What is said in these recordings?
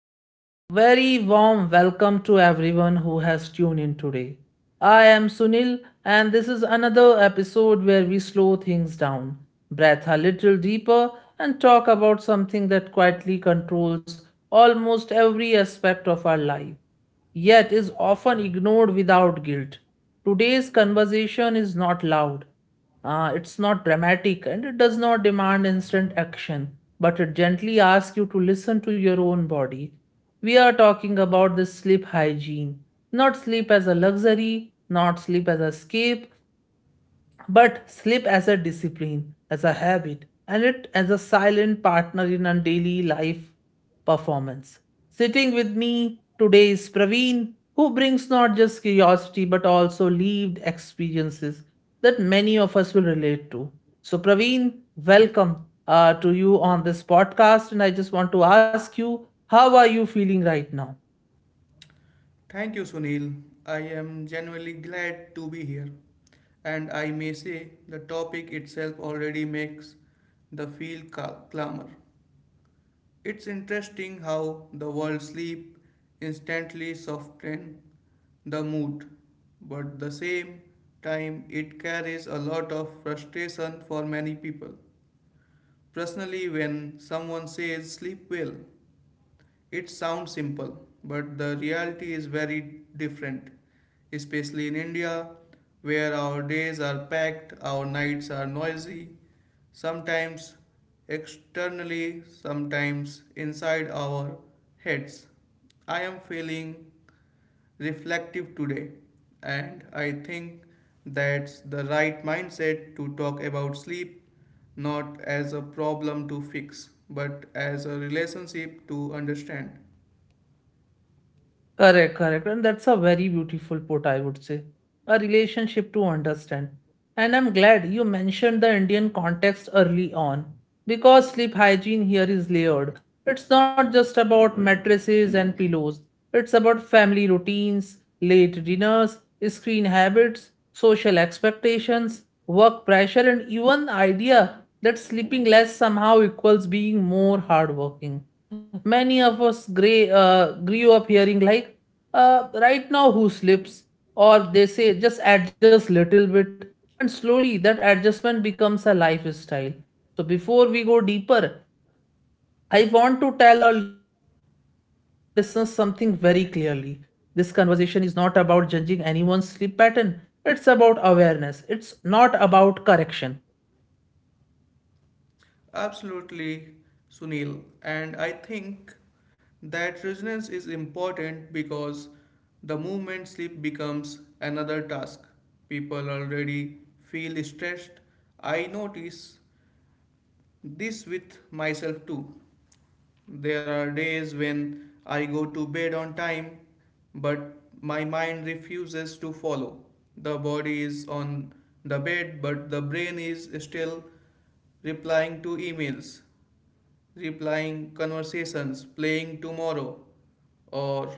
and a very warm welcome to everyone who has tuned in today. I am Sunil, and this is another episode where we slow things down, breathe a little deeper, and talk about something that quietly controls almost every aspect of our life yet is often ignored without guilt. Today's conversation is not loud, it's not dramatic, and it does not demand instant action, but it gently asks you to listen to your own body. We are talking about this sleep hygiene, not sleep as a luxury, not sleep as escape, but sleep as a discipline, as a habit, and it as a silent partner in our daily life performance. Sitting with me today is Praveen, who brings not just curiosity but also lived experiences that many of us will relate to. So, Praveen, welcome to you on this podcast. And I just want to ask you, how are you feeling right now? Thank you, Sunil. I am genuinely glad to be here. And I may say the topic itself already makes the field clamor. It's interesting how the world sleep instantly softens the mood, but at the same time it carries a lot of frustration for many people. Personally, when someone says sleep well, it sounds simple, but the reality is very different, especially in India, where our days are packed, our nights are noisy, sometimes externally, sometimes inside our heads. I am feeling reflective today, and I think that's the right mindset to talk about sleep not as a problem to fix, but as a relationship to understand. Correct, correct. And that's a very beautiful put, I would say. A relationship to understand. And I'm glad you mentioned the Indian context early on because sleep hygiene here is layered. It's not just about mattresses and pillows, it's about family routines, late dinners, screen habits, social expectations, work pressure, and even idea that sleeping less somehow equals being more hardworking. Many of us grew up hearing like right now who sleeps, or they say just adjust little bit, and slowly that adjustment becomes a lifestyle. So before we go deeper, I want to tell our listeners something very clearly. This conversation is not about judging anyone's sleep pattern. It's about awareness, it's not about correction. Absolutely, Sunil. And I think that resonance is important because the movement sleep becomes another task. People already feel stressed. I notice this with myself too. There are days when I go to bed on time, but my mind refuses to follow. The body is on the bed, but the brain is still replying to emails replying conversations, playing tomorrow, or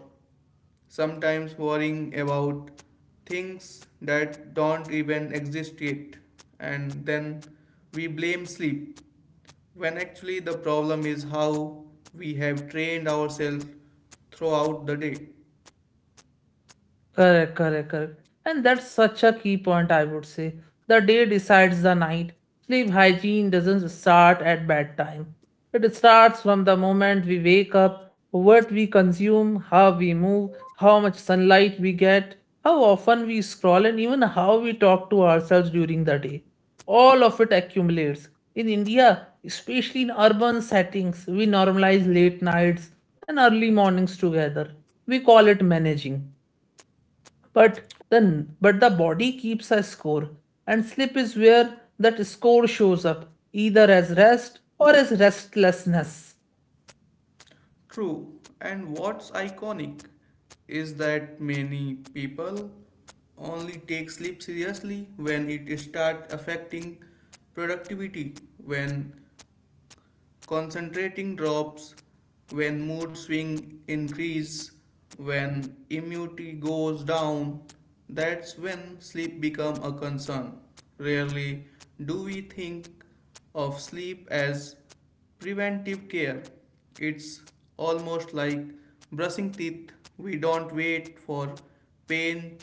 sometimes worrying about things that don't even exist yet. And then we blame sleep, when actually the problem is how we have trained ourselves throughout the day. Correct, correct, correct. And that's such a key point, I would say. The day decides the night. Sleep hygiene doesn't start at bedtime. It starts from the moment we wake up, what we consume, how we move, how much sunlight we get, how often we scroll, and even how we talk to ourselves during the day. All of it accumulates. In India, especially in urban settings, we normalize late nights and early mornings together. We call it managing, but the the body keeps a score, and sleep is where that score shows up, either as rest or as restlessness. True, and what's iconic is that many people only take sleep seriously when it starts affecting productivity, when Concentrating drops when mood swing increase, when immunity goes down, that's when sleep become a concern. Rarely do we think of sleep as preventive care. It's almost like brushing teeth. We don't wait for pain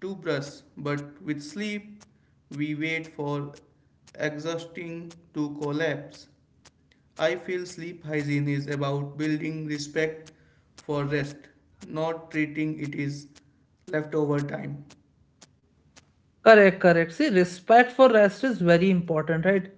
to brush, but with sleep, we wait for exhausting to collapse. I feel sleep hygiene is about building respect for rest, not treating it as leftover time. Correct, correct. See, respect for rest is very important, right?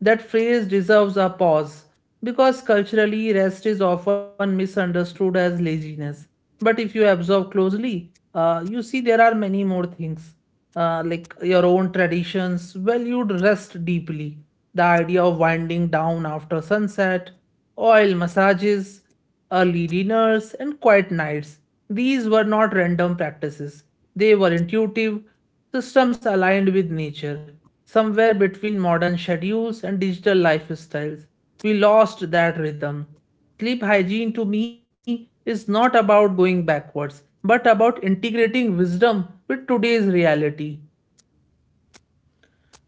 That phrase deserves a pause because culturally, rest is often misunderstood as laziness. But if you observe closely, you see there are many more things. Like your own traditions valued rest deeply. The idea of winding down after sunset, oil massages, early dinners, and quiet nights. These were not random practices, they were intuitive systems aligned with nature. Somewhere between modern schedules and digital lifestyles, we lost that rhythm. Sleep hygiene to me is not about going backwards, but about integrating wisdom with today's reality.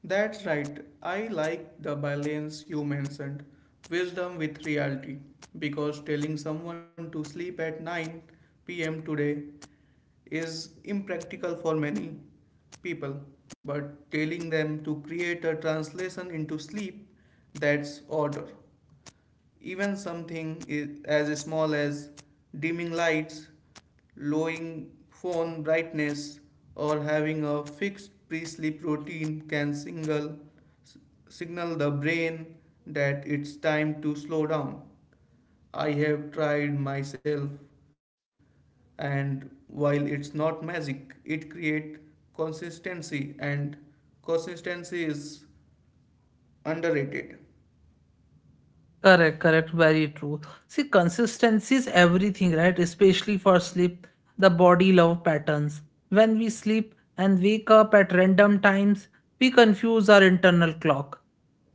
That's right, I like the balance you mentioned, wisdom with reality, because telling someone to sleep at 9 p.m. today is impractical for many people, but telling them to create a translation into sleep that's order. Even something is as small as dimming lights, lowering phone brightness, or having a fixed pre sleep routine can signal the brain that it's time to slow down. I have tried myself, and while it's not magic, it creates consistency, and consistency is underrated. Correct, correct, very true. See, consistency is everything, right? Especially for sleep, the body love patterns. When we sleep and wake up at random times, we confuse our internal clock.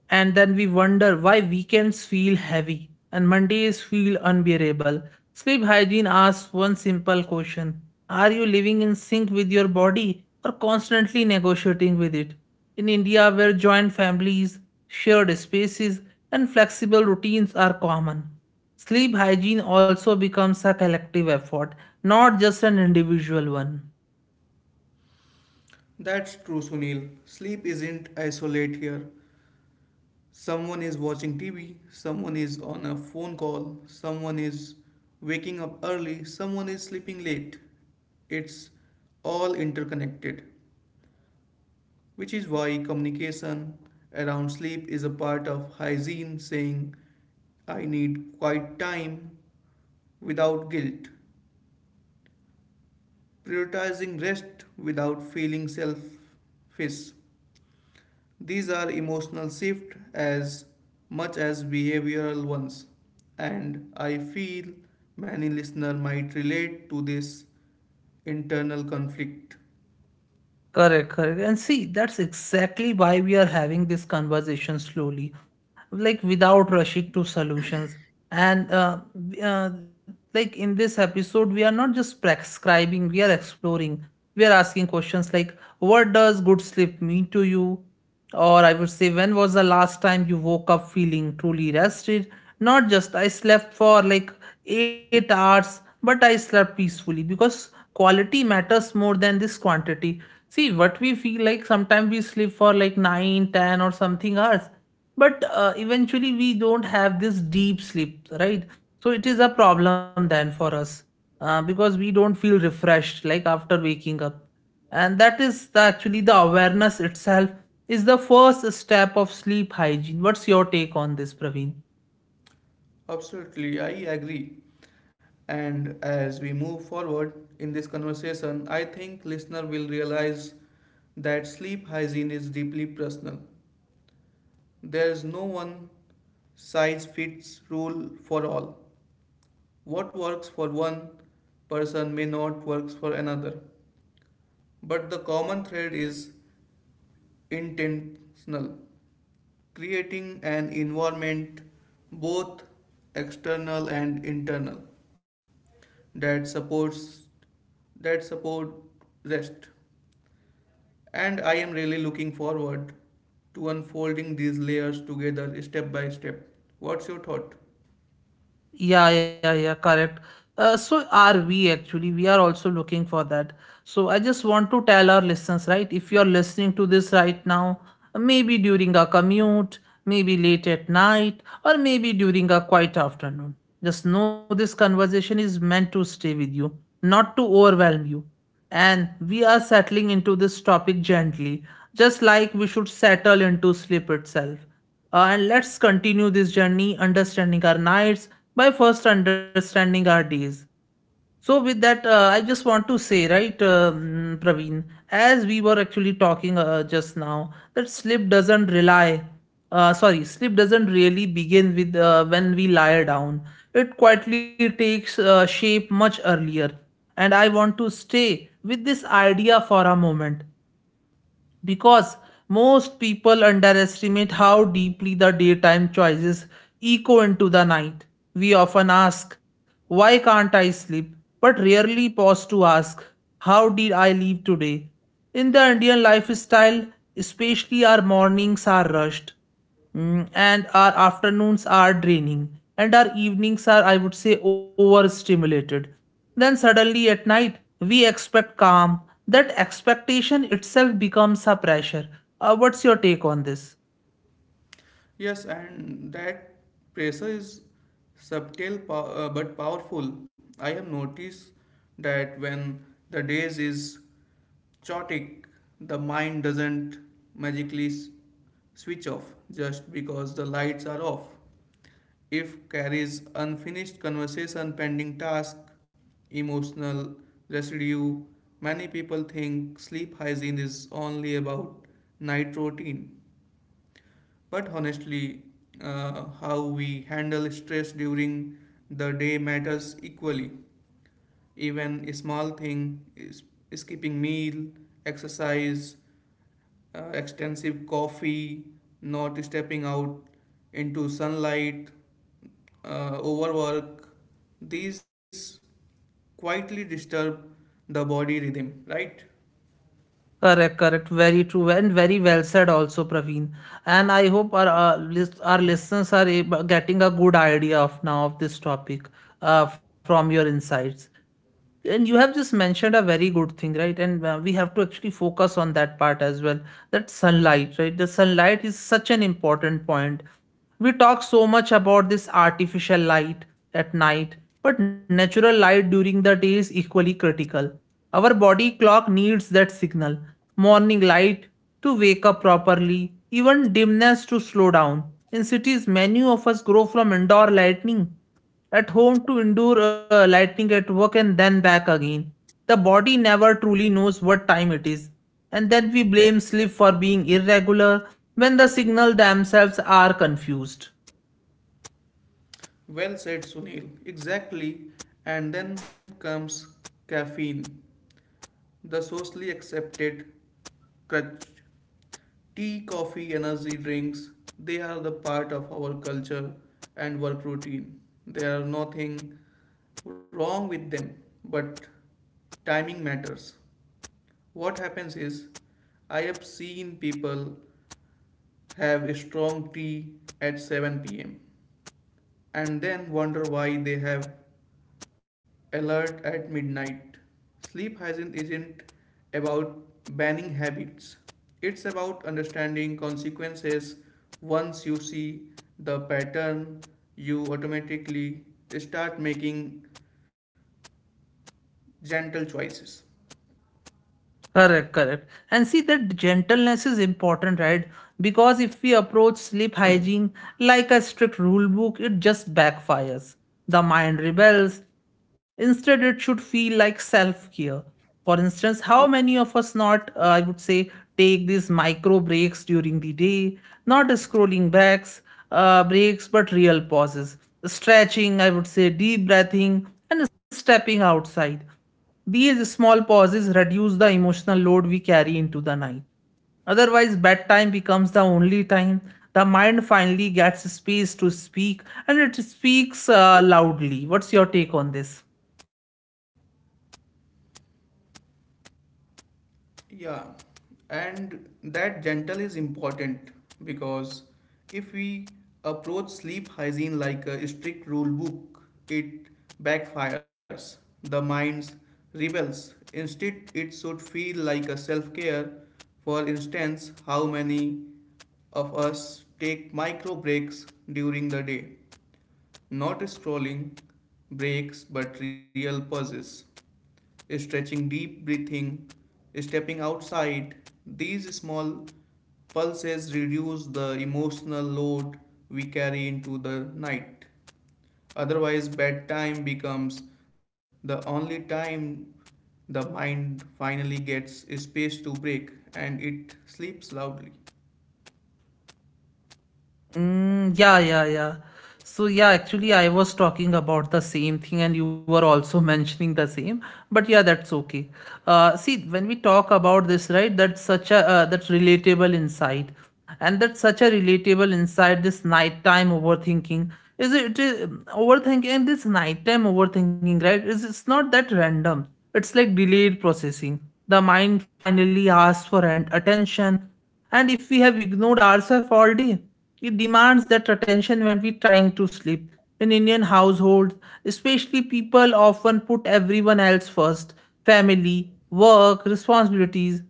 And then we wonder why weekends feel heavy and Mondays feel unbearable. Sleep hygiene asks one simple question: are you living in sync with your body or constantly negotiating with it? In India, where joint families, shared spaces, and flexible routines are common, sleep hygiene also becomes a collective effort, not just an individual one. That's true, Sunil. Sleep isn't isolate here. Someone is watching TV, someone is on a phone call, someone is waking up early, someone is sleeping late. It's all interconnected, which is why communication around sleep is a part of hygiene, saying, I need quiet time without guilt, prioritizing rest without feeling selfish. These are emotional shifts as much as behavioral ones, and I feel many listeners might relate to this internal conflict. Correct, correct. And see, that's exactly why we are having this conversation slowly, like without rushing to solutions. And like in this episode, we are not just prescribing, we are exploring. We are asking questions like, what does good sleep mean to you? Or I would say, when was the last time you woke up feeling truly rested? Not just I slept for like 8 hours, but I slept peacefully, because quality matters more than this quantity. See, what we feel like, sometimes we sleep for like 9, 10, or something hours, but eventually we don't have this deep sleep, right? So it is a problem then for us, because we don't feel refreshed like after waking up. And that is the, actually the awareness itself is the first step of sleep hygiene. What's your take on this, Praveen? Absolutely, I agree. And as we move forward in this conversation, I think listener will realize that sleep hygiene is deeply personal. There is no one size fits rule for all. What works for one person may not works for another. But the common thread is intentional, creating an environment, both external and internal, that supports that support rest. And I am really looking forward to unfolding these layers together step by step. What's your thought? Yeah, yeah, yeah, correct. So are we actually? We are also looking for that. So I just want to tell our listeners, right? If you are listening to this right now, maybe during a commute, maybe late at night, or maybe during a quiet afternoon, just know this conversation is meant to stay with you, not to overwhelm you. And we are settling into this topic gently, just like we should settle into sleep itself. And let's continue this journey, understanding our nights, my first understanding are these. So with that, I just want to say right, Praveen, as we were actually talking just now, that sleep doesn't rely, sorry, sleep doesn't really begin with when we lie down. It quietly takes shape much earlier. And I want to stay with this idea for a moment, because most people underestimate how deeply the daytime choices echo into the night. We often ask, "Why can't I sleep?" but rarely pause to ask, "How did I live today?" In the Indian lifestyle especially, our mornings are rushed. Mm, and our afternoons are draining, and our evenings are, I would say, overstimulated. Then suddenly at night we expect calm. That expectation itself becomes a pressure. What's your take on this? Yes, and that pressure is subtle but powerful. I have noticed that when the days is chaotic, the mind doesn't magically switch off just because the lights are off. If carries unfinished conversation pending task, emotional residue. Many people think sleep hygiene is only about night routine, but honestly, how we handle stress during the day matters equally. Even a small thing is skipping meal, exercise, extensive coffee, not stepping out into sunlight, overwork, these quietly disturb the body rhythm, right? Correct, correct, very true, and very well said also, Praveen. And I hope our our listeners are getting a good idea of now of this topic, from your insights. And you have just mentioned a very good thing, right? And we have to actually focus on that part as well. That sunlight, right? The sunlight is such an important point. We talk so much about this artificial light at night, but natural light during the day is equally critical. Our body clock needs that signal. Morning light to wake up properly, even dimness to slow down. In cities, many of us grow from indoor lightning at home to indoor lightning at work and then back again. The body never truly knows what time it is, and then we blame sleep for being irregular when the signal themselves are confused. Well said, Sunil. Exactly. And then comes caffeine, the socially accepted crutch. Tea, coffee, energy drinks, they are the part of our culture and work routine. There are nothing wrong with them, but timing matters. What happens is, I have seen people have a strong tea at 7 p.m. and then wonder why they have Alert at midnight. Sleep hygiene isn't about banning habits, it's about understanding consequences. Once you see the pattern, you automatically start making gentle choices. Correct, correct. And see, that gentleness is important, right? Because if we approach sleep hygiene like a strict rule book, it just backfires. The mind rebels. Instead, it should feel like self care. For instance, how many of us not, I would say, take these micro breaks during the day, not scrolling backs, breaks, but real pauses, stretching, I would say, deep breathing, and stepping outside. These small pauses reduce the emotional load we carry into the night. Otherwise, bedtime becomes the only time the mind finally gets space to speak, and it speaks loudly. What's your take on this? Yeah, and that gentle is important because if we approach sleep hygiene like a strict rule book, it backfires. The mind rebels. Instead, it should feel like a self care. For instance, how many of us take micro breaks during the day? Not scrolling breaks, but real pauses, stretching, deep breathing, stepping outside. These small pulses reduce the emotional load we carry into the night. Otherwise, bedtime becomes the only time the mind finally gets space to break and it sleeps loudly. Mm, yeah, yeah, yeah. So yeah, actually, I was talking about the same thing, and you were also mentioning the same. But yeah, that's okay. See, when we talk about this, right? That's such a that's relatable insight, and that's such a relatable insight. This nighttime overthinking is it it is overthinking, and this nighttime overthinking, right? Is, it's not that random. It's like delayed processing. The mind finally asks for an attention, and if we have ignored ourselves all day, it demands that attention when we're trying to sleep. In Indian households especially, people often put everyone else first, family, work, responsibilities.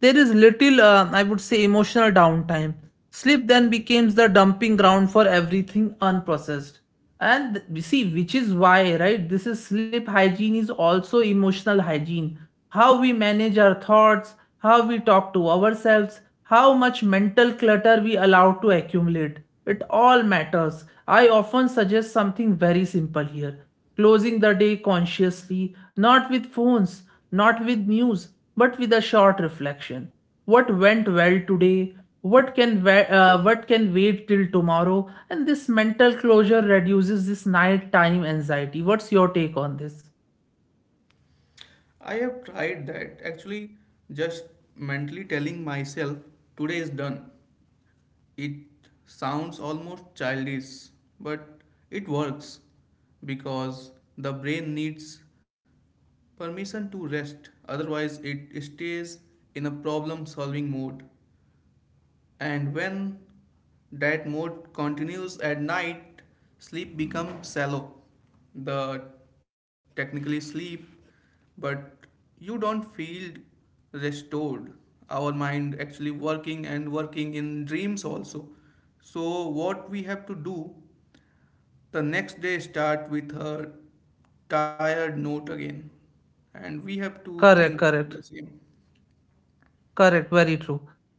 There is little, I would say, emotional downtime. Sleep then becomes the dumping ground for everything unprocessed. And we see, which is why, right? This is sleep hygiene is also emotional hygiene. How we manage our thoughts, how we talk to ourselves, how much mental clutter we allow to accumulate. It all matters. I often suggest something very simple here, closing the day consciously, not with phones, not with news, but with a short reflection. What went well today? What can wa- what can wait till tomorrow? And this mental closure reduces this nighttime anxiety. What's your take on this? I have tried that actually, just mentally telling myself today is done. It sounds almost childish, but it works because the brain needs permission to rest. Otherwise, it stays in a problem solving mode, and when that mode continues at night sleep becomes shallow. The technically sleep, but you don't feel restored. Our mind actually working and working in dreams also. So what we have to do, the next day start with a tired note again, and we have to Correct, think correct. the same. Correct, very true.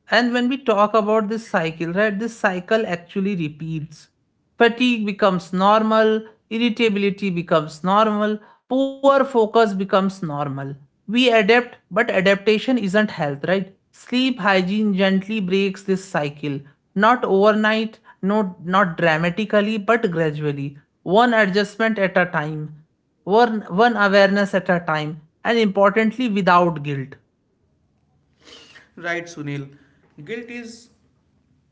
And when we talk about this cycle, right, this cycle actually repeats. Fatigue becomes normal, irritability becomes normal, poor focus becomes normal. We adapt, but adaptation isn't health, right? Sleep hygiene gently breaks this cycle. Not overnight, no, not dramatically, but gradually. One adjustment at a time, one awareness at a time, and importantly, without guilt. Right, Sunil, guilt is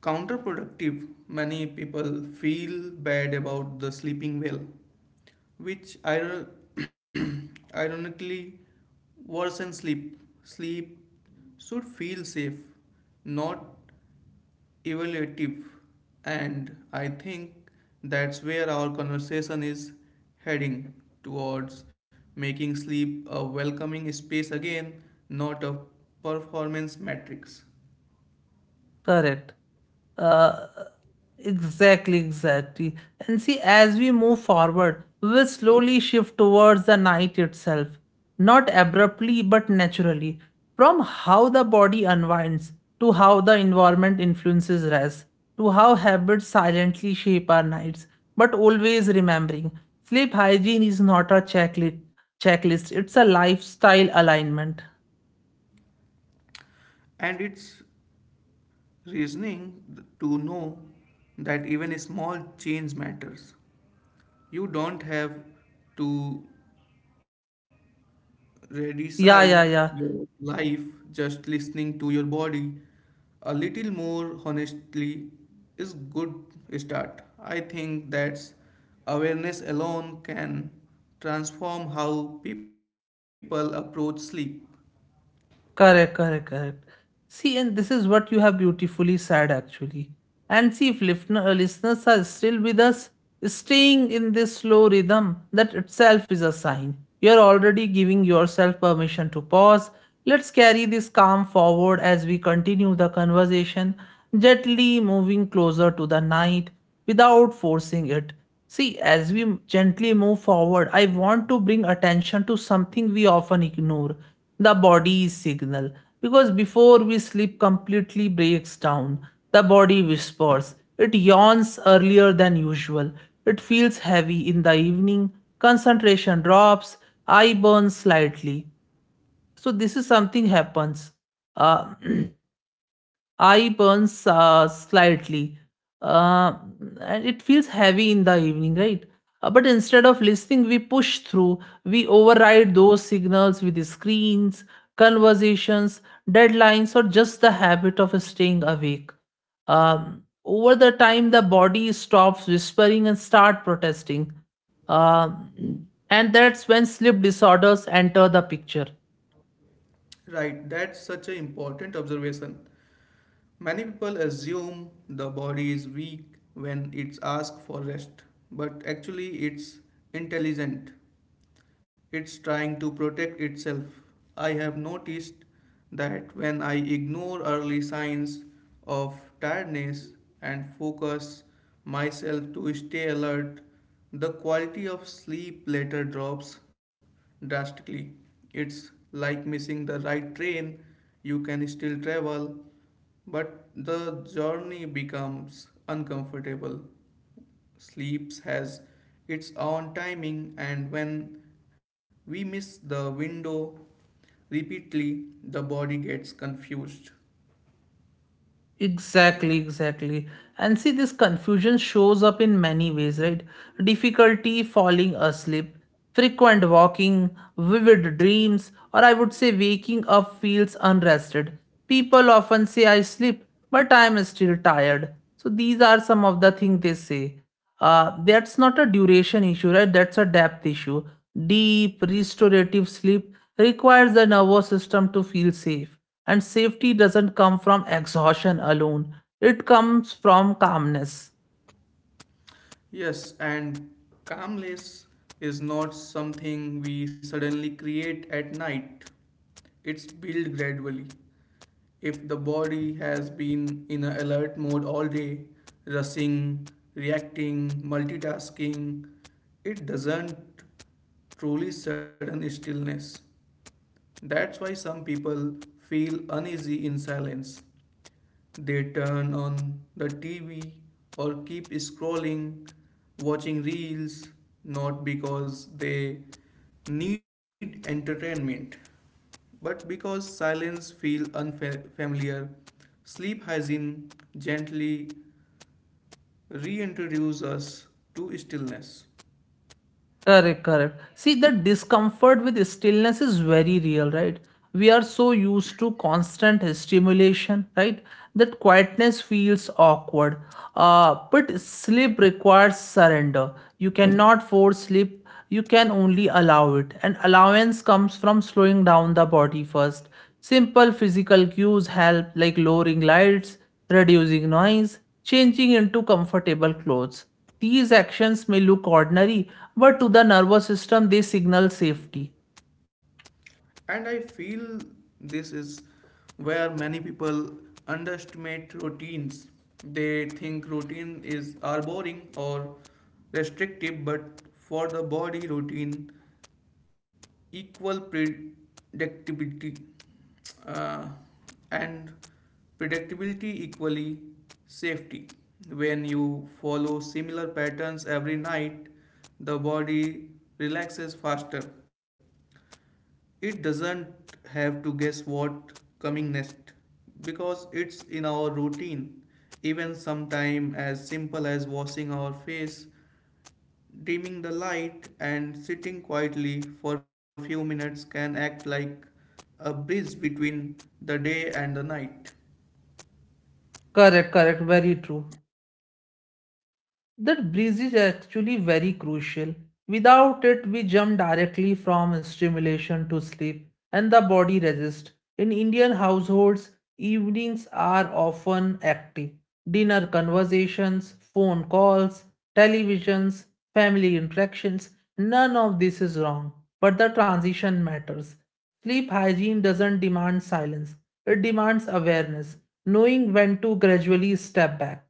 counterproductive. Many people feel bad about the sleeping well, which ironically worsens sleep. Sleep should feel safe, not evaluative, and I think that's where our conversation is heading towards making sleep a welcoming space again, not a performance matrix. Correct. Uh, exactly, exactly. And see, as we move forward, we will slowly shift towards the night itself, not abruptly but naturally, from how the body unwinds, to how the environment influences rest, to how habits silently shape our nights. But always remembering, sleep hygiene is not a checklist. It's a lifestyle alignment. And it's reasoning to know that even small change matters. You don't have to redesign Yeah, yeah, your yeah. life, just listening to your body. A little more honestly is good start. I think that's awareness alone can transform how people approach sleep. Correct, correct, correct. See, and this is what you have beautifully said actually. And see, if listeners are still with us, staying in this slow rhythm, that itself is a sign. You're already giving yourself permission to pause. Let's carry this calm forward as we continue the conversation, gently moving closer to the night without forcing it. See, as we gently move forward, I want to bring attention to something we often ignore, the body's signal, because before we sleep completely breaks down, the body whispers, it yawns earlier than usual, it feels heavy in the evening, concentration drops, eye burns slightly. So this is something happens. uh, Eye burns slightly, uh, and it feels heavy in the evening, right? But instead of listening, we push through. We override those signals with screens, conversations, deadlines, or just the habit of staying awake. Over the time, the body stops whispering and start protesting. And that's when sleep disorders enter the picture. Right, that's such an important observation. Many people assume the body is weak when it's asked for rest, but actually it's intelligent. It's trying to protect itself. I have noticed that when I ignore early signs of tiredness and focus myself to stay alert, the quality of sleep later drops drastically. It's like missing the right train. You can still travel, but the journey becomes uncomfortable. Sleeps has its own timing, and when we miss the window repeatedly, the body gets confused. Exactly, exactly. And see, this confusion shows up in many ways, right? Difficulty falling asleep, frequent walking, vivid dreams, or I would say waking up feels unrested. People often say, I sleep, but I am still tired. So these are some of the things they say. That's not a duration issue, right? That's a depth issue. Deep, restorative sleep requires the nervous system to feel safe, and safety doesn't come from exhaustion alone, it comes from calmness. Yes, and calmness is not something we suddenly create at night. It's built gradually. If the body has been in an alert mode all day, rushing, reacting, multitasking, it doesn't truly sudden stillness. That's why some people feel uneasy in silence. They turn on the TV or keep scrolling, watching reels, not because they need entertainment, but because silence feels unfamiliar. Sleep hygiene gently reintroduces us to stillness. Correct, correct. See, the discomfort with stillness is very real, right? We are so used to constant stimulation, right? That quietness feels awkward. But sleep requires surrender. You cannot force sleep, you can only allow it. And allowance comes from slowing down the body first. Simple physical cues help, like lowering lights, reducing noise, changing into comfortable clothes. These actions may look ordinary, but to the nervous system they signal safety. And I feel this is where many people underestimate routines. They think routine is are boring or restrictive, but for the body, routine equal predictability, uh, and predictability equally safety. When you follow similar patterns every night, the body relaxes faster. It doesn't have to guess what coming next because it's in our routine. Even sometime as simple as washing our face, dimming the light and sitting quietly for few minutes can act like a bridge between the day and the night. Correct, correct, very true. That breeze is actually very crucial. Without it, we jump directly from stimulation to sleep, and the body resists. In Indian households, evenings are often active. Dinner conversations, phone calls, televisions, family interactions, none of this is wrong. But the transition matters. Sleep hygiene doesn't demand silence, it demands awareness, knowing when to gradually step back.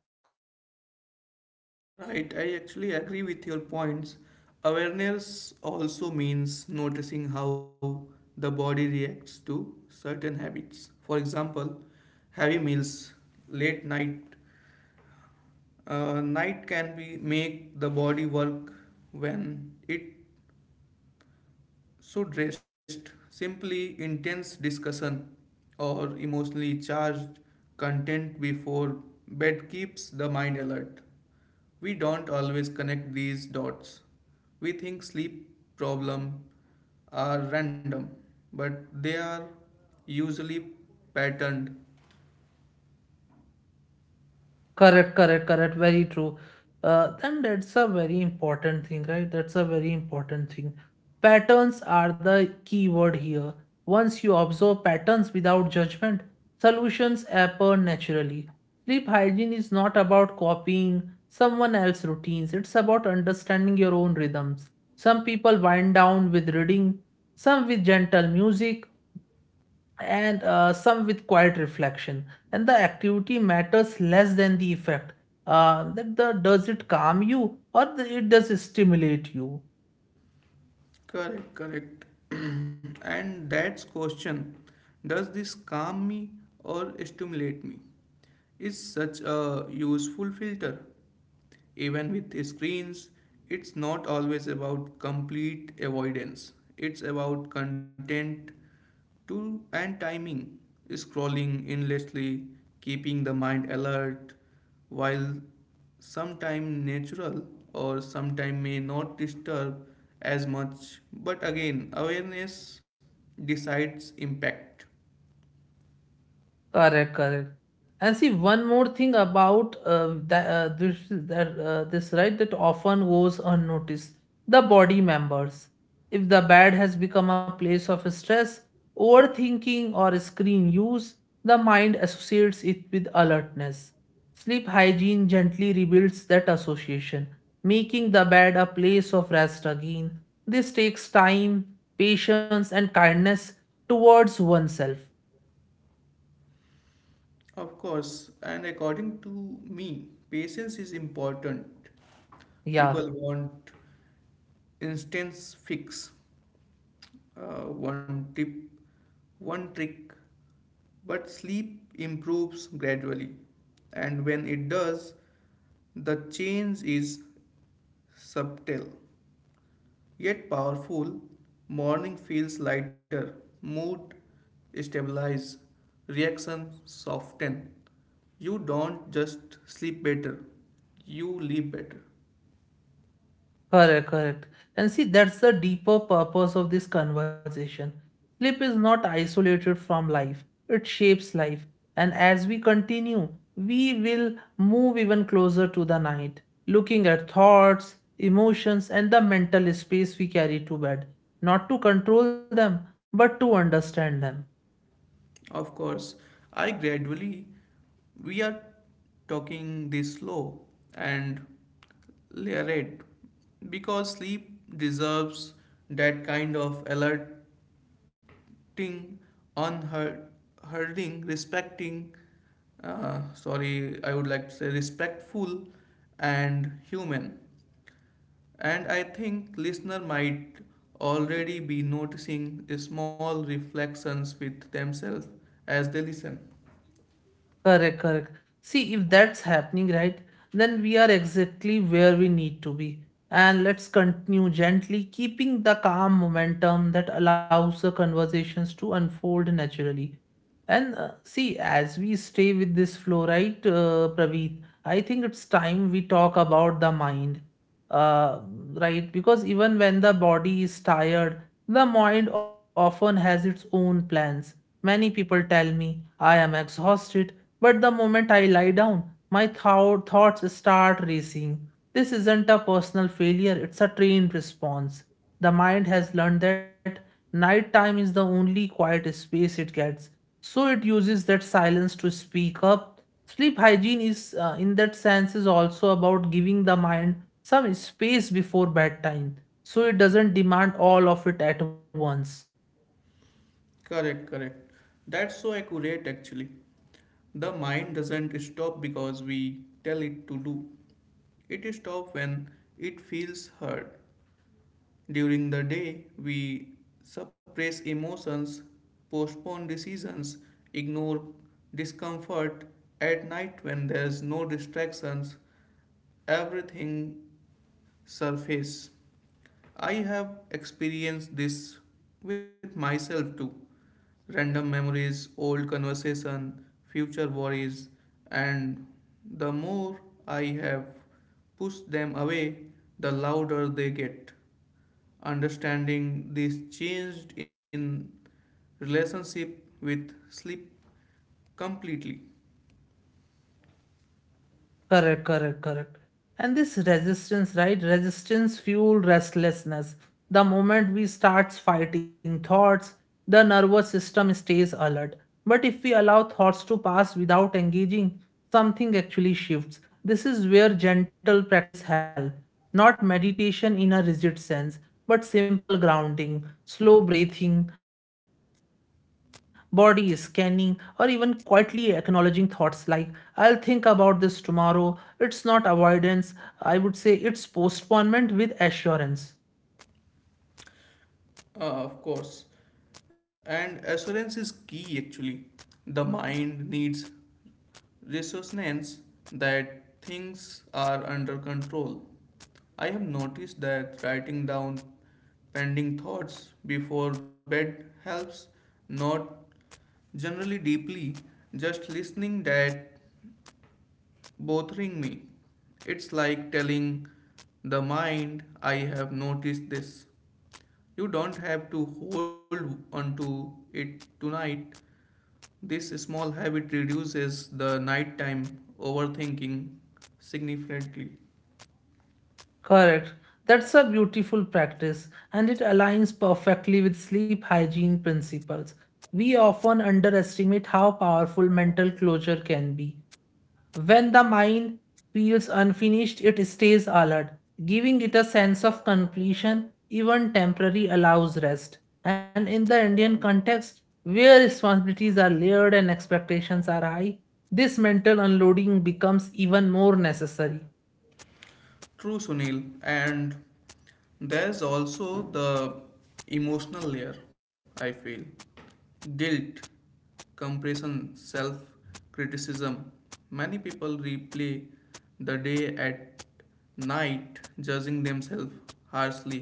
Right, I actually agree with your points. Awareness also means noticing how the body reacts to certain habits. For example, heavy meals, late night. Night can be make the body work when it should rest. Simply intense discussion or emotionally charged content before bed keeps the mind alert. We don't always connect these dots. We think sleep problems are random, but they are usually patterned. Correct, correct, correct. Very true. And that's a very important thing, right? That's a very important thing. Patterns are the key word here. Once you observe patterns without judgment, solutions appear naturally. Sleep hygiene is not about copying someone else's routines, it's about understanding your own rhythms. Some people wind down with reading, some with gentle music, and some with quiet reflection. And the activity matters less than the effect. That the Does it calm you or it does stimulate you? Correct, correct. And that's question. Does this calm me or stimulate me? Is such a useful filter. Even with screens, it's not always about complete avoidance. It's about content to and timing. Scrolling endlessly keeping the mind alert, while sometime natural or sometime may not disturb as much, but again awareness decides impact. Correct, correct. And see, one more thing about that this that this right that often goes unnoticed. The body members. If the bed has become a place of stress, overthinking, or screen use, the mind associates it with alertness. Sleep hygiene gently rebuilds that association, making the bed a place of rest again. This takes time, patience, and kindness towards oneself. Of course, and according to me patience is important. Yeah. People want instance fix, one tip, one trick. But sleep improves gradually, and when it does, the change is subtle yet powerful. Morning feels lighter, mood stabilizes, reactions soften. You don't just sleep better, you live better. Correct, correct. And see, that's the deeper purpose of this conversation. Sleep is not isolated from life, it shapes life. And as we continue, we will move even closer to the night, looking at thoughts, emotions, and the mental space we carry to bed, not to control them, but to understand them. Of course, I gradually, we are talking this slow and, yeah, right. Because sleep deserves that kind of alerting, unherding, respecting, sorry, I would like to say respectful and human. And I think listener might already be noticing small reflections with themselves as they listen. Correct, correct. See, if that's happening, right, then we are exactly where we need to be. And let's continue gently, keeping the calm momentum that allows the conversations to unfold naturally. And see, as we stay with this flow, right, Praveet, I think it's time we talk about the mind, uh, right? Because even when the body is tired, the mind often has its own plans. Many people tell me I am exhausted, but the moment I lie down, my thoughts start racing. This isn't a personal failure, it's a trained response. The mind has learned that nighttime is the only quiet space it gets, so it uses that silence to speak up. Sleep hygiene is, in that sense, is also about giving the mind some space before bedtime so it doesn't demand all of it at once. Correct, correct. That's so accurate actually. The mind doesn't stop because we tell it to do. It stops when it feels hurt. During the day, we suppress emotions, postpone decisions, ignore discomfort. At night, when there's no distractions, everything surfaces. I have experienced this with myself too. Random memories, old conversation, future worries, and the more I have pushed them away, the louder they get. Understanding this changed in relationship with sleep completely. Correct, correct, correct. And this resistance, right? Resistance fuel restlessness. The moment we starts fighting thoughts, the nervous system stays alert. But if we allow thoughts to pass without engaging, something actually shifts. This is where gentle practice helps, not meditation in a rigid sense, but simple grounding, slow breathing, body scanning, or even quietly acknowledging thoughts like, I'll think about this tomorrow. It's not avoidance, I would say it's postponement with assurance. Of course, and assurance is key actually. The mind needs reassurance that things are under control. I have noticed that writing down pending thoughts before bed helps, not generally deeply, just listening that bothering me. It's like telling the mind, I have noticed this. You don't have to hold onto it tonight. This small habit reduces the nighttime overthinking significantly. Correct. That's a beautiful practice and it aligns perfectly with sleep hygiene principles. We often underestimate how powerful mental closure can be. When the mind feels unfinished, it stays alert. Giving it a sense of completion, even temporary, allows rest. And in the Indian context, where responsibilities are layered and expectations are high, this mental unloading becomes even more necessary. True, Sunil. And there's also the emotional layer, I feel. Guilt, compression, self criticism. Many people replay the day at night, judging themselves harshly.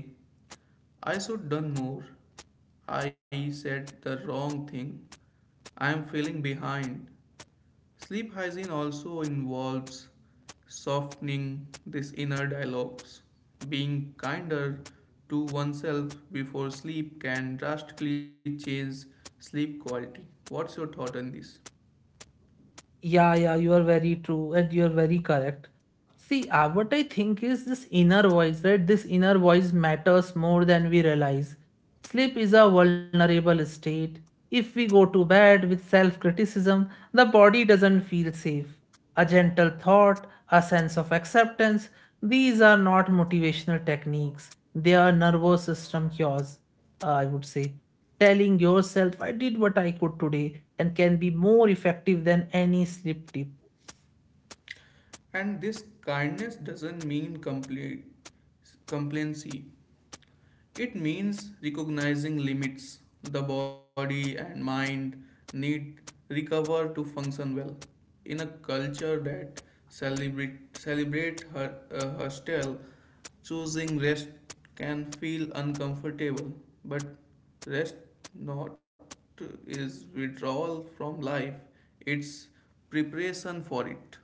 I should done more. I said the wrong thing. I am feeling behind. Sleep hygiene also involves softening these inner dialogues. Being kinder to oneself before sleep can drastically change sleep quality. What's your thought on this? Yeah, yeah, you are very true and you are very correct. See, what I think is this inner voice, right? This inner voice matters more than we realize. Sleep is a vulnerable state. If we go to bed with self criticism, the body doesn't feel safe. A gentle thought, a sense of acceptance, these are not motivational techniques. They are nervous system cures, I would say. Telling yourself, I did what I could today, and can be more effective than any sleep tip. And this kindness doesn't mean complete complacency. It means recognizing limits the body and mind need recover to function well. In a culture that celebrate her hostile, choosing rest can feel uncomfortable, but rest not is withdrawal from life. It's preparation for it.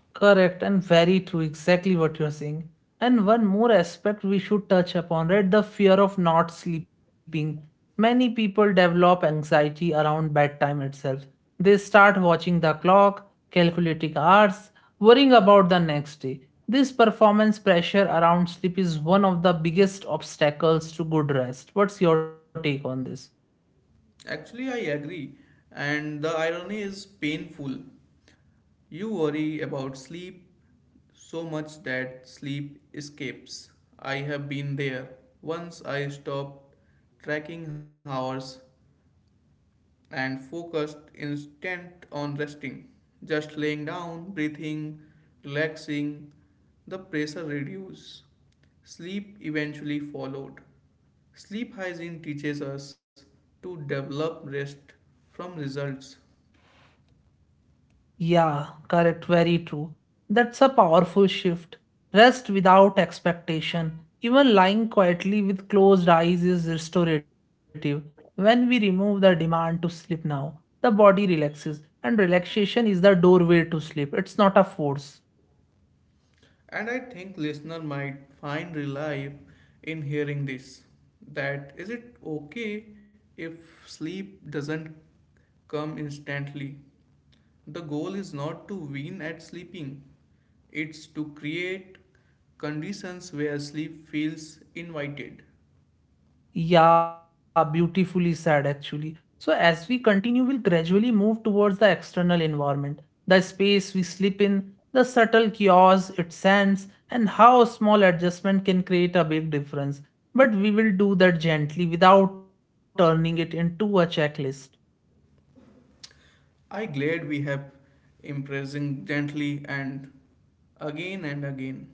Correct and very true, exactly what you're saying. And one more aspect we should touch upon, right? The fear of not sleeping. Many people develop anxiety around bedtime itself. They start watching the clock, calculating hours, worrying about the next day. This performance pressure around sleep is one of the biggest obstacles to good rest. What's your take on this? Actually, I agree, and the irony is painful. You worry about sleep so much that sleep escapes. I have been there. Once I stopped tracking hours and focused instead on resting, just laying down, breathing, relaxing, the pressure reduced. Sleep eventually followed. Sleep hygiene teaches us to develop rest from results. Yeah, correct, very true. That's a powerful shift. Rest without expectation. Even lying quietly with closed eyes is restorative. When we remove the demand to sleep now, the body relaxes, and relaxation is the doorway to sleep. It's not a force. And I think listener might find relief in hearing this. That is it okay if sleep doesn't come instantly? The goal is not to win at sleeping. It's to create conditions where sleep feels invited. Yeah, beautifully said actually. So, as we continue, we'll gradually move towards the external environment, the space we sleep in, the subtle chaos it sends, and how a small adjustment can create a big difference. But we will do that gently without turning it into a checklist. I glad we have impressing gently and again and again.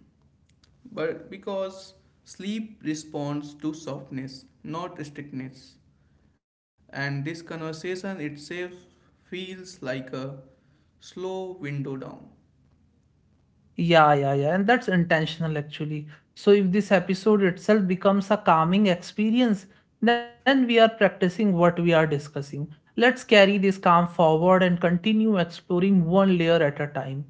But because sleep responds to softness, not strictness. And this conversation itself feels like a slow window down. Yeah, yeah, yeah. And that's intentional actually. So if this episode itself becomes a calming experience, then we are practicing what we are discussing. Let's carry this calm forward and continue exploring one layer at a time.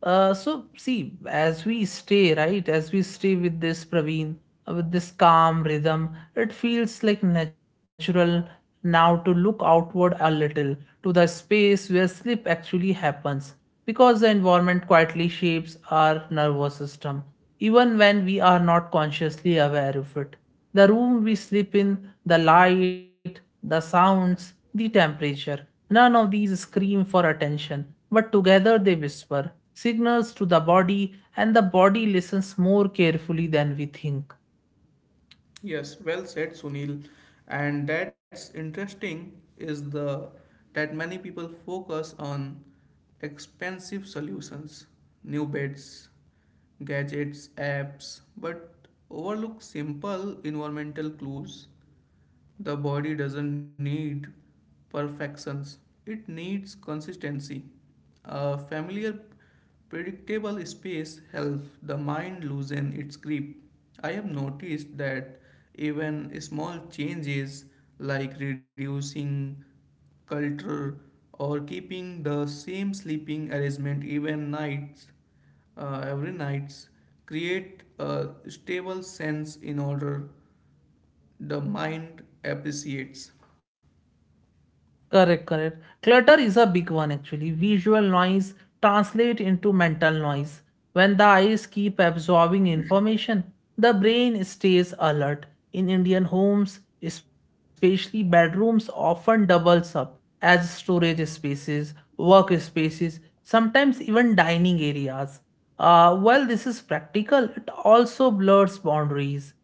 So see, as we stay, right, as we stay with this, Praveen, with this calm rhythm, it feels like natural now to look outward a little, to the space where sleep actually happens, because the environment quietly shapes our nervous system, even when we are not consciously aware of it. The room we sleep in, the light, the sounds, the temperature, none of these scream for attention, but together they whisper signals to the body, and the body listens more carefully than we think. Yes, well said, Sunil. And that's interesting is the that many people focus on expensive solutions, new beds, gadgets, apps, but overlook simple environmental clues. The body doesn't need perfections; it needs consistency. A familiar, predictable space helps the mind loosen its grip. I have noticed that even small changes like reducing culture or keeping the same sleeping arrangement even nights every nights create a stable sense in order the mind appreciates. Correct, correct. Clutter is a big one actually. Visual noise translate into mental noise. When the eyes keep absorbing information, the brain stays alert. In Indian homes, especially bedrooms often doubles up as storage spaces, workspaces, sometimes even dining areas. While this is practical, it also blurs boundaries.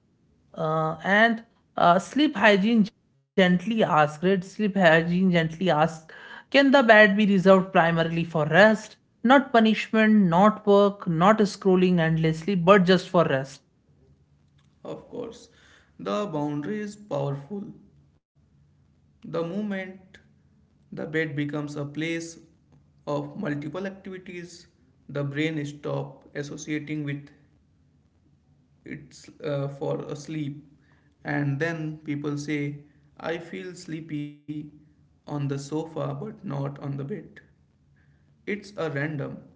And sleep hygiene gently asked, right? Sleep hygiene gently asked, can the bed be reserved primarily for rest? Not punishment, not work, not scrolling endlessly, but just for rest. Of course the boundary is powerful. The moment the bed becomes a place of multiple activities, the brain stop associating with it for a sleep, and then people say, "I feel sleepy on the sofa, but not on the bed." It's a random,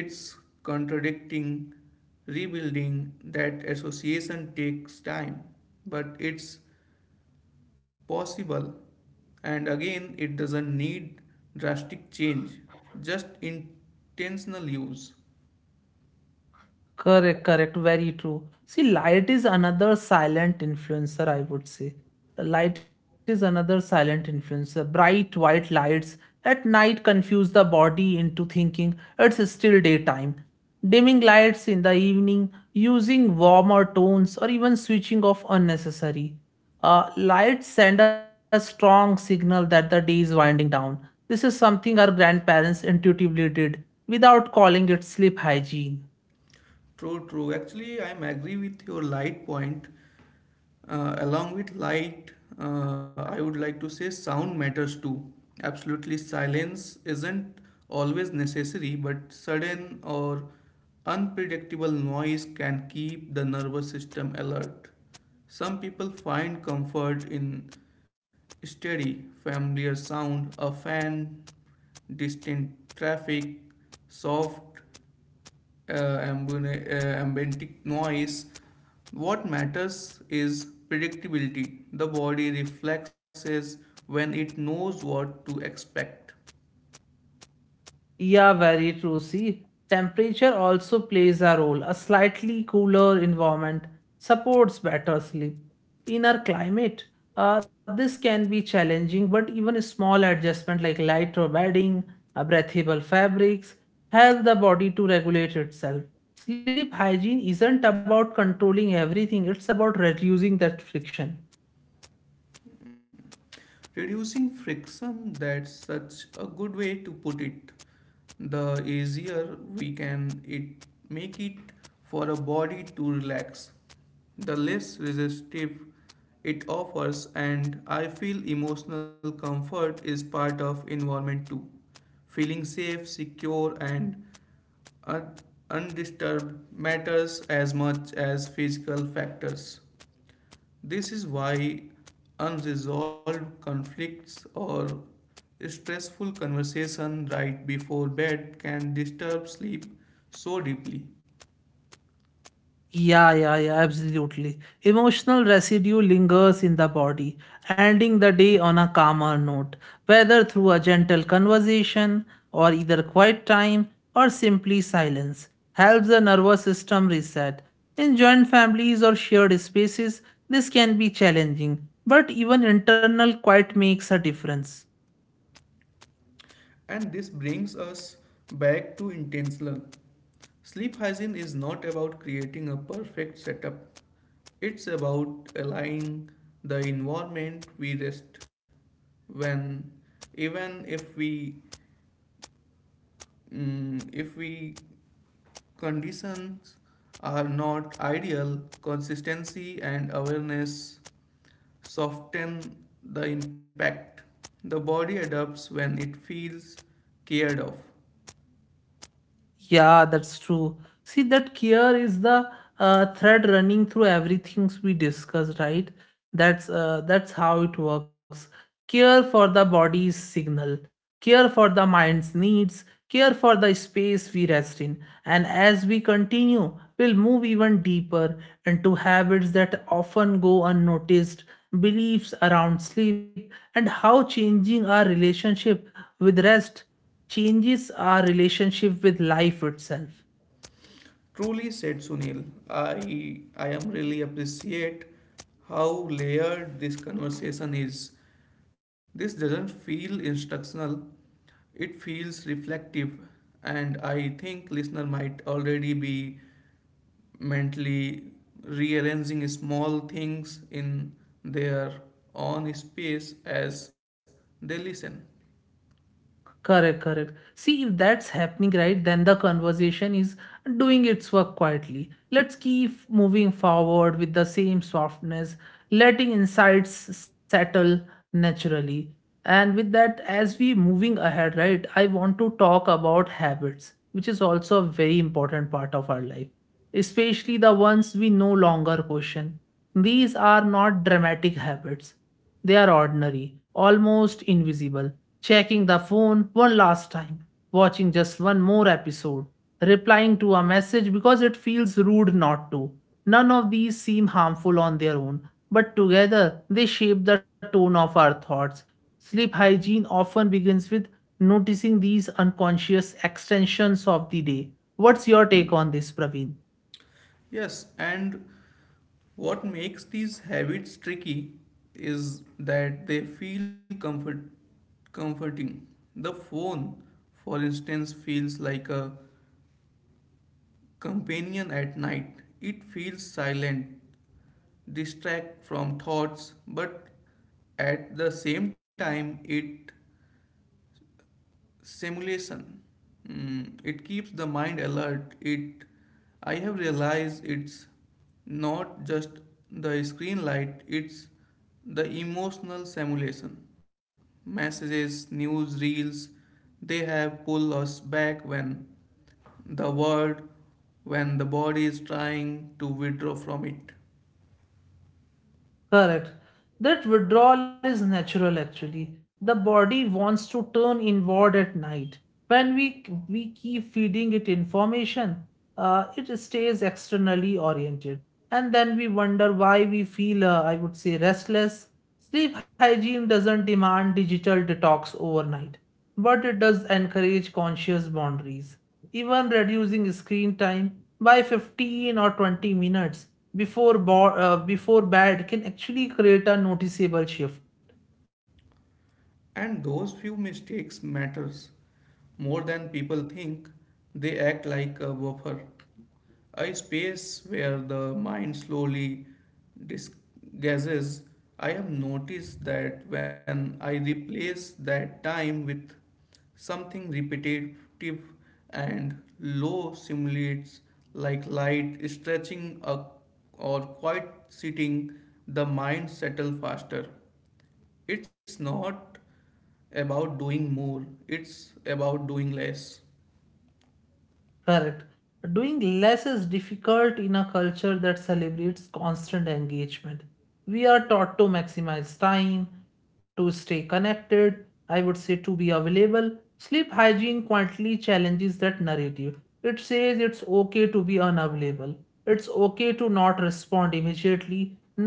it's contradicting, rebuilding that association takes time, but it's possible, and again it doesn't need drastic change, just intentional use. Correct, correct, very true. See, light is another silent influencer, I would say. The light is another silent influencer. Bright white lights at night confuse the body into thinking it's still daytime. Dimming lights in the evening, using warmer tones, or even switching off unnecessary. Lights send a strong signal that the day is winding down. This is something our grandparents intuitively did without calling it sleep hygiene. True, true, actually I'm agree with your light point. Along with light, I would like to say sound matters too. Absolutely, silence isn't always necessary, but sudden or unpredictable noise can keep the nervous system alert. Some people find comfort in steady, familiar sound, a fan, distant traffic, soft ambientic noise. What matters is predictability. The body reflexes when it knows what to expect. Yeah, very true. See, temperature also plays a role. A slightly cooler environment supports better sleep. In our climate, this can be challenging, but even a small adjustment like lighter bedding, breathable fabrics help the body to regulate itself. Sleep hygiene isn't about controlling everything, it's about reducing that friction. Reducing friction, that's such a good way to put it. The easier we can it make it for a body to relax, the less resistive it offers, and I feel emotional comfort is part of environment too. Feeling safe, secure and un- undisturbed matters as much as physical factors. This is why unresolved conflicts or stressful conversation right before bed can disturb sleep so deeply. Yeah, yeah, yeah, absolutely. Emotional residue lingers in the body. Ending the day on a calmer note, whether through a gentle conversation or either quiet time or simply silence, helps the nervous system reset. In joint families or shared spaces, this can be challenging, but even internal quiet makes a difference. And this brings us back to intentional. Sleep hygiene is not about creating a perfect setup. It's about aligning the environment we rest when even if we conditions are not ideal, consistency and awareness soften the impact. The body adapts when it feels cared of. Yeah, that's true. See, that care is the thread running through everything we discuss, right? That's how it works. Care for the body's signal, care for the mind's needs, care for the space we rest in. And as we continue, we'll move even deeper into habits that often go unnoticed, beliefs around sleep, and how changing our relationship with rest changes our relationship with life itself. Truly said, Sunil, I am really appreciate how layered this conversation is. This doesn't feel instructional, it feels reflective, and I think listener might already be mentally rearranging small things in their own space as they listen. Correct, correct. See, if that's happening right, then the conversation is doing its work quietly. Let's keep moving forward with the same softness, letting insights settle naturally. And with that, as we moving ahead, right, I want to talk about habits, which is also a very important part of our life, especially the ones we no longer question. These are not dramatic habits, they are ordinary, almost invisible checking the phone one last time, watching just one more episode, replying to a message because it feels rude not to. None of these seem harmful on their own, but together they shape the tone of our thoughts. Sleep hygiene often begins with noticing these unconscious extensions of the day. What's your take on this, Praveen? Yes, and what makes these habits tricky is that they feel comforting. The phone, for instance, feels like a companion at night. It feels silent, distract from thoughts, but at the same time it simulation it keeps the mind alert. It, I have realized, it's not just the screen light, it's the emotional simulation, messages, news reels, they have pull us back when the world when the body is trying to withdraw from it. Correct. That withdrawal is natural actually. The body wants to turn inward at night. When we keep feeding it information, it stays externally oriented. And then we wonder why we feel, I would say, restless. Sleep hygiene doesn't demand digital detox overnight, but it does encourage conscious boundaries. Even reducing screen time by 15 or 20 minutes before bad can actually create a noticeable shift. And those few mistakes matters more than people think. They act like a buffer, a space where the mind slowly disgazes. I have noticed that when I replace that time with something repetitive and low simulates, like light stretching a, or quiet sitting, the mind settles faster. It's not about doing more, it's about doing less. Correct. Doing less is difficult in a culture that celebrates constant engagement. We are taught to maximize time, to stay connected, I would say, to be available. Sleep hygiene quietly challenges that narrative. It says it's okay to be unavailable, it's okay to not respond immediately.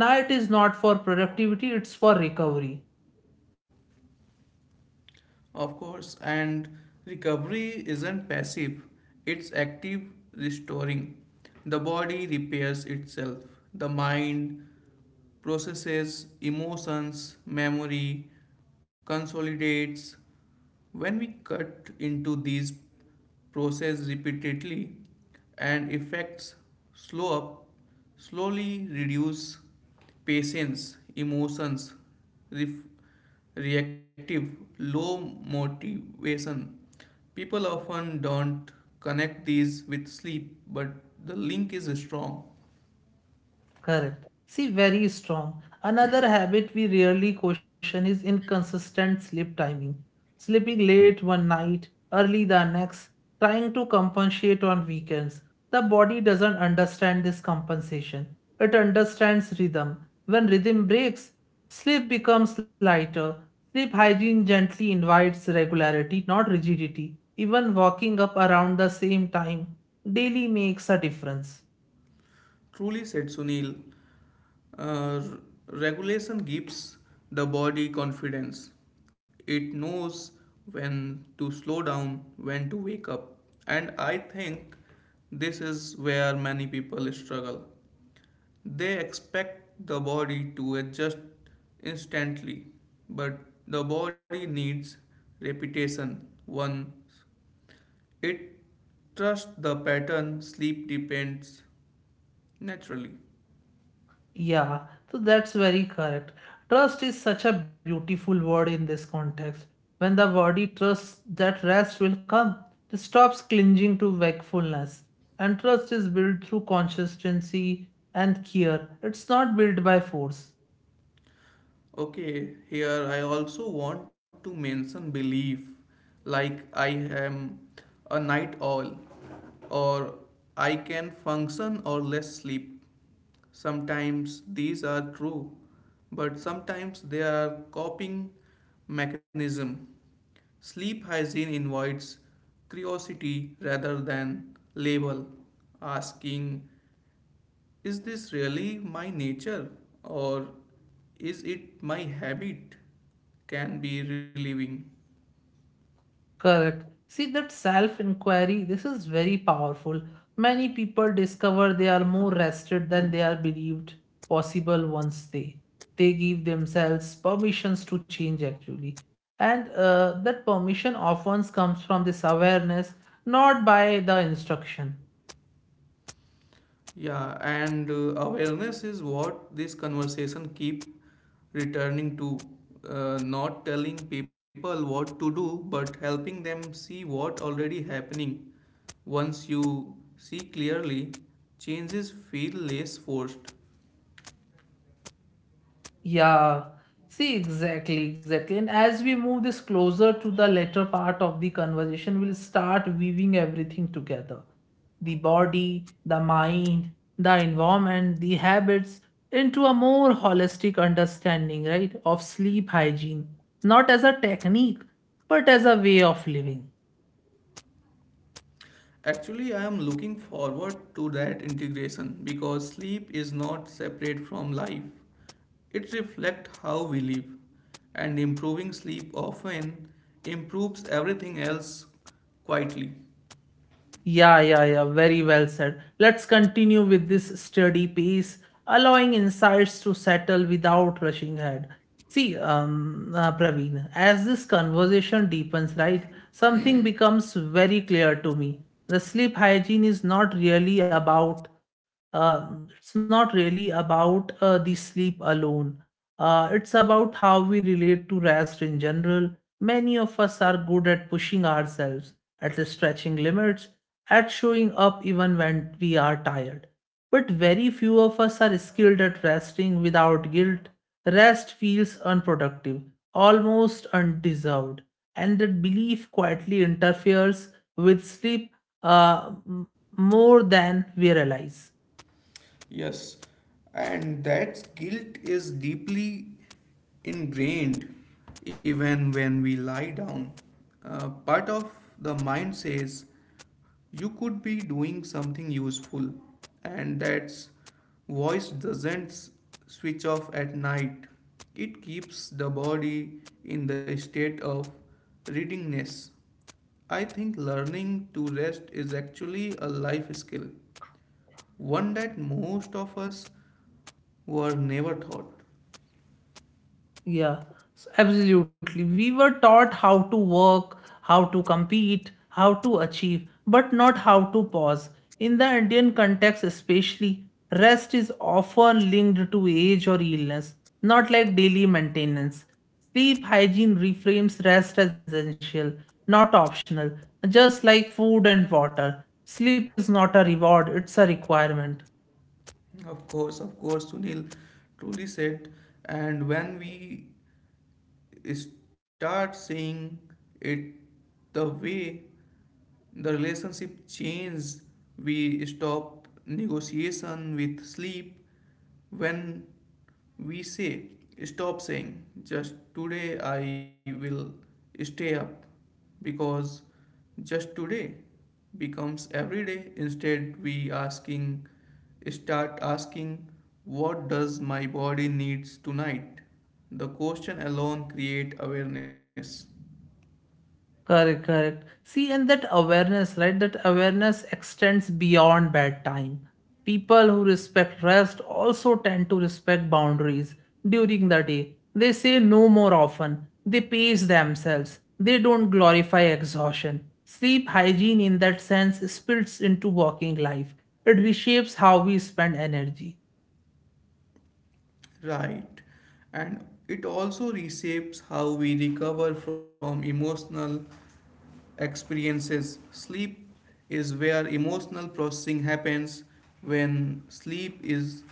Night is not for productivity, it's for recovery. Of course, and recovery isn't passive, it's active restoring. The body repairs itself, the mind processes emotions, memory, consolidates. When we cut into these processes repeatedly and effects slow up, slowly reduce patience, emotions, ref- reactive, low motivation. People often don't connect these with sleep, but the link is strong. Correct. See, very strong. Another habit we rarely question is inconsistent sleep timing. Sleeping late one night, early the next, trying to compensate on weekends. The body doesn't understand this compensation. It understands rhythm. When rhythm breaks, sleep becomes lighter. Sleep hygiene gently invites regularity, not rigidity. Even walking up around the same time daily makes a difference. Truly said, Sunil, uh, regulation gives the body confidence. It knows when to slow down, when to wake up. And I think this is where many people struggle. They expect the body to adjust instantly, but the body needs repetition. Once it trusts the pattern, sleep depends naturally. Yeah, so that's very correct. Trust is such a beautiful word in this context. When the body trusts that rest will come, it stops clinging to wakefulness. And trust is built through consistency and care. It's not built by force. Okay, here I also want to mention belief, like I am a night owl or I can function or less sleep. Sometimes these are true, but sometimes they are coping mechanism. Sleep hygiene invites curiosity rather than label, asking, is this really my nature or is it my habit? Can be relieving. Correct. See that self inquiry, this is very powerful. Many people discover they are more rested than they are believed possible once they give themselves permissions to change actually. And that permission often comes from this awareness, not by the instruction. Yeah, and awareness is what this conversation keep returning to. Not telling people what to do, but helping them see what already happening. Once you see clearly, changes feel less forced. Yeah, see, exactly, exactly. And as we move this closer to the latter part of the conversation, we'll start weaving everything together. The body, the mind, the environment, the habits into a more holistic understanding, right, of sleep hygiene, not as a technique, but as a way of living. Actually, I am looking forward to that integration because sleep is not separate from life. It reflects how we live, and improving sleep often improves everything else quietly. Yeah, yeah, yeah. Very well said. Let's continue with this steady pace, allowing insights to settle without rushing ahead. See, Praveen, as this conversation deepens, right, something becomes very clear to me. The sleep hygiene is not really about, uh, it's not really about the sleep alone. It's about how we relate to rest in general. Many of us are good at pushing ourselves, at stretching limits at showing up even when we are tired. But very few of us are skilled at resting without guilt. Rest feels unproductive, almost undeserved, and that belief quietly interferes with sleep uh, m- more than we realize. Yes, and that guilt is deeply ingrained even when we lie down. Part of the mind says, you could be doing something useful, and that voice doesn't switch off at night. It keeps the body in the state of readiness. I think learning to rest is actually a life skill, one that most of us were never taught. Yeah, Absolutely. We were taught how to work, how to compete, how to achieve, but not how to pause. In the Indian context, especially, rest is often linked to age or illness, not like daily maintenance. Sleep hygiene reframes rest as essential, not optional, just like food and water. Sleep is not a reward, it's a requirement. Of course, Sunil, truly said, and when we start seeing it the way, the relationship changes. We stop negotiation with sleep. When we say stop saying just today I will stay up, because just today becomes every day. Instead we asking start asking, what does my body needs tonight? The question alone create awareness. Correct, correct. See, and that awareness, right? That awareness extends beyond bedtime. People who respect rest also tend to respect boundaries during the day. They say no more often. They pace themselves. They don't glorify exhaustion. Sleep hygiene, in that sense, spills into working life. It reshapes how we spend energy. Right. And it also reshapes how we recover from emotional experiences. Sleep is where emotional processing happens. When sleep is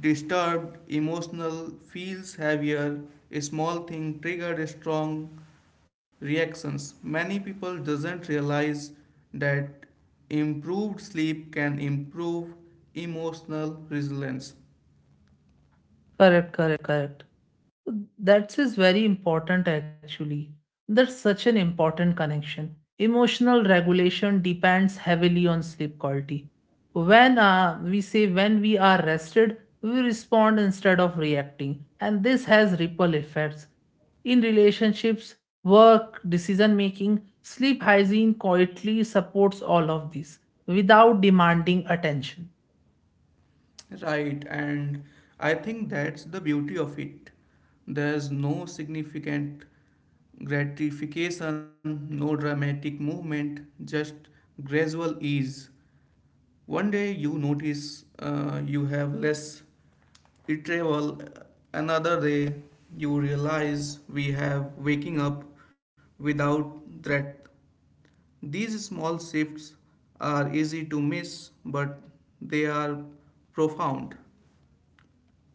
disturbed, emotional feels heavier. A small thing triggered strong reactions. Many people doesn't realize that improved sleep can improve emotional resilience. Correct, correct, correct. That is very important actually. That's such an important connection. Emotional regulation depends heavily on sleep quality. When we say when we are rested, we respond instead of reacting, and this has ripple effects in relationships, work, decision making. Sleep hygiene quietly supports all of this without demanding attention. Right, and I think that's the beauty of it. There's no significant gratification, no dramatic movement, just gradual ease. One day you notice you have less retrieval, another day you realize we have waking up without threat. These small shifts are easy to miss, but they are profound.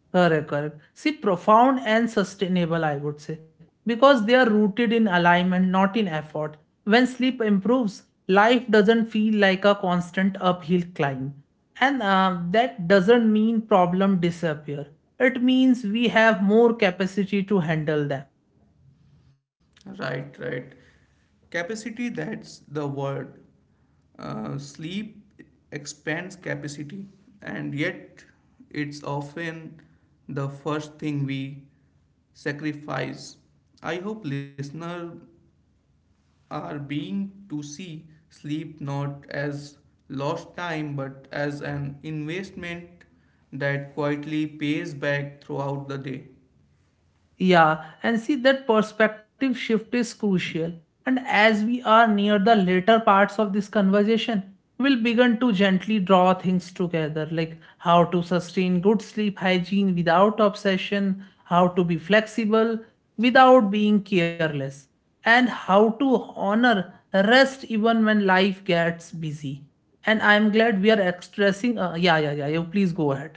Correct, correct. See, profound and sustainable, I would say, because they are rooted in alignment, not in effort. When sleep improves, life doesn't feel like a constant uphill climb. And that doesn't mean problem disappear. It means we have more capacity to handle them. Right, right. Capacity, that's the word. Sleep expands capacity, and yet it's often the first thing we sacrifice. I hope listeners are being to see sleep not as lost time but as an investment that quietly pays back throughout the day. Yeah, and see that perspective shift is crucial. And as we are near the later parts of this conversation, we'll begin to gently draw things together like how to sustain good sleep hygiene without obsession, how to be flexible without being careless, and how to honor rest even when life gets busy. And I'm glad we are expressing. Yeah, yeah, yeah. You please go ahead,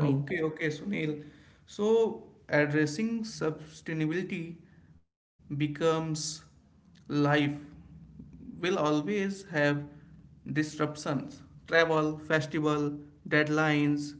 Okay, okay, Sunil. So addressing sustainability becomes life will always have disruptions. Travel, festival, deadlines.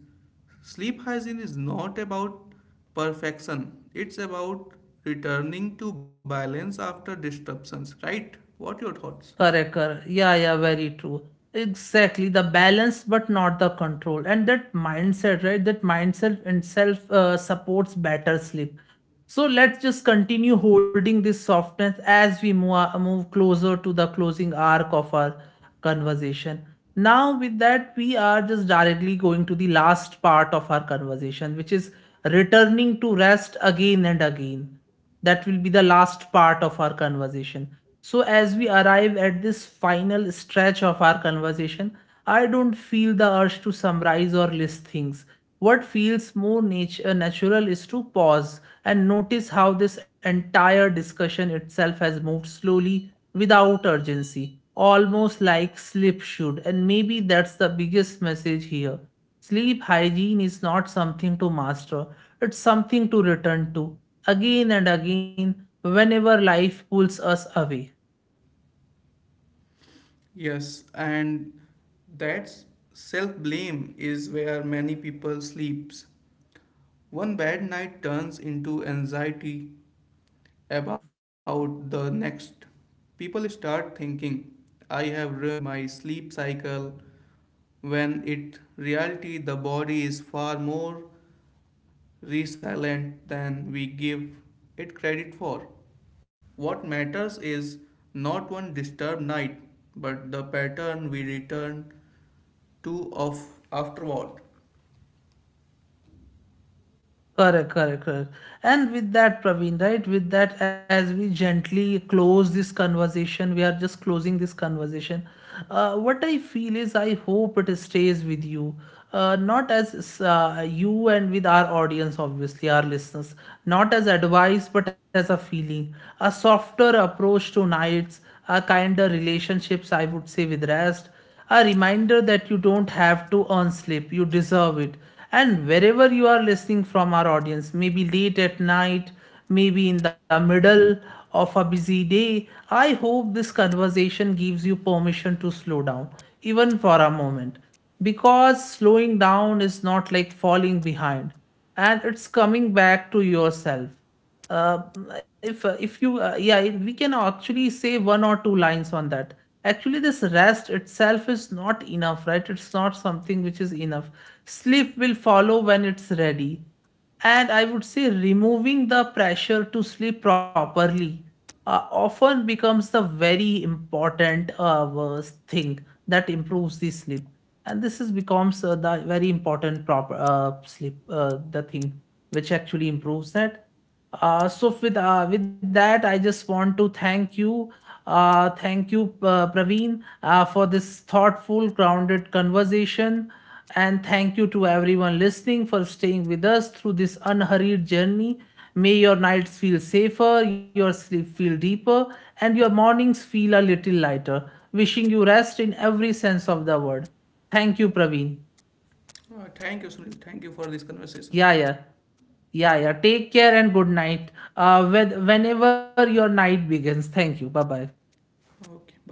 Sleep hygiene is not about perfection. It's about returning to balance after disruptions, right? What your thoughts? Correct, correct. Yeah, yeah, very true. Exactly. The balance, but not the control. And that mindset, right? That mindset itself supports better sleep. So let's just continue holding this softness as we move closer to the closing arc of our conversation. Now, with that, we are just directly going to the last part of our conversation, which is returning to rest again and again. That will be the last part of our conversation. So, as we arrive at this final stretch of our conversation, I don't feel the urge to summarize or list things. What feels more natural is to pause and notice how this entire discussion itself has moved slowly without urgency, almost like sleep should. And maybe that's the biggest message here. Sleep hygiene is not something to master, it's something to return to again and again whenever life pulls us away. Yes, and that's self blame is where many people sleeps. One bad night turns into anxiety about the next. People start thinking, I have ruined my sleep cycle, when in reality, the body is far more resilient than we give it credit for. What matters is not one disturbed night, but the pattern we return to of afterward. Correct, correct, correct. And with that, Praveen, right, with that, as we gently close this conversation, we are just closing this conversation. What I feel is, I hope it stays with you. Not as you and with our audience, obviously, our listeners, not as advice, but as a feeling. A softer approach to nights, a kinder relationships, I would say, with rest a reminder that you don't have to earn sleep, you deserve it. And wherever you are listening from our audience, maybe late at night, maybe in the middle of a busy day, I hope this conversation gives you permission to slow down, even for a moment. Because slowing down is not like falling behind, and it's coming back to yourself uh, if you yeah we can actually say one or two lines on that actually. This rest itself is not enough, right? It's not something which is enough. Sleep will follow when it's ready, and I would say removing the pressure to sleep properly often becomes the very important worst thing that improves the sleep. And this is becomes the very important proper sleep the thing which actually improves that. So with that, I just want to thank you, Praveen, for this thoughtful, grounded conversation, and thank you to everyone listening for staying with us through this unhurried journey. May your nights feel safer, your sleep feel deeper, and your mornings feel a little lighter. Wishing you rest in every sense of the word. Thank you, Praveen. Thank you, Sunil. Thank you for this conversation. Yeah, yeah. Yeah, yeah. Take care and good night. With, whenever your night begins. Thank you. Bye bye. Okay, bye.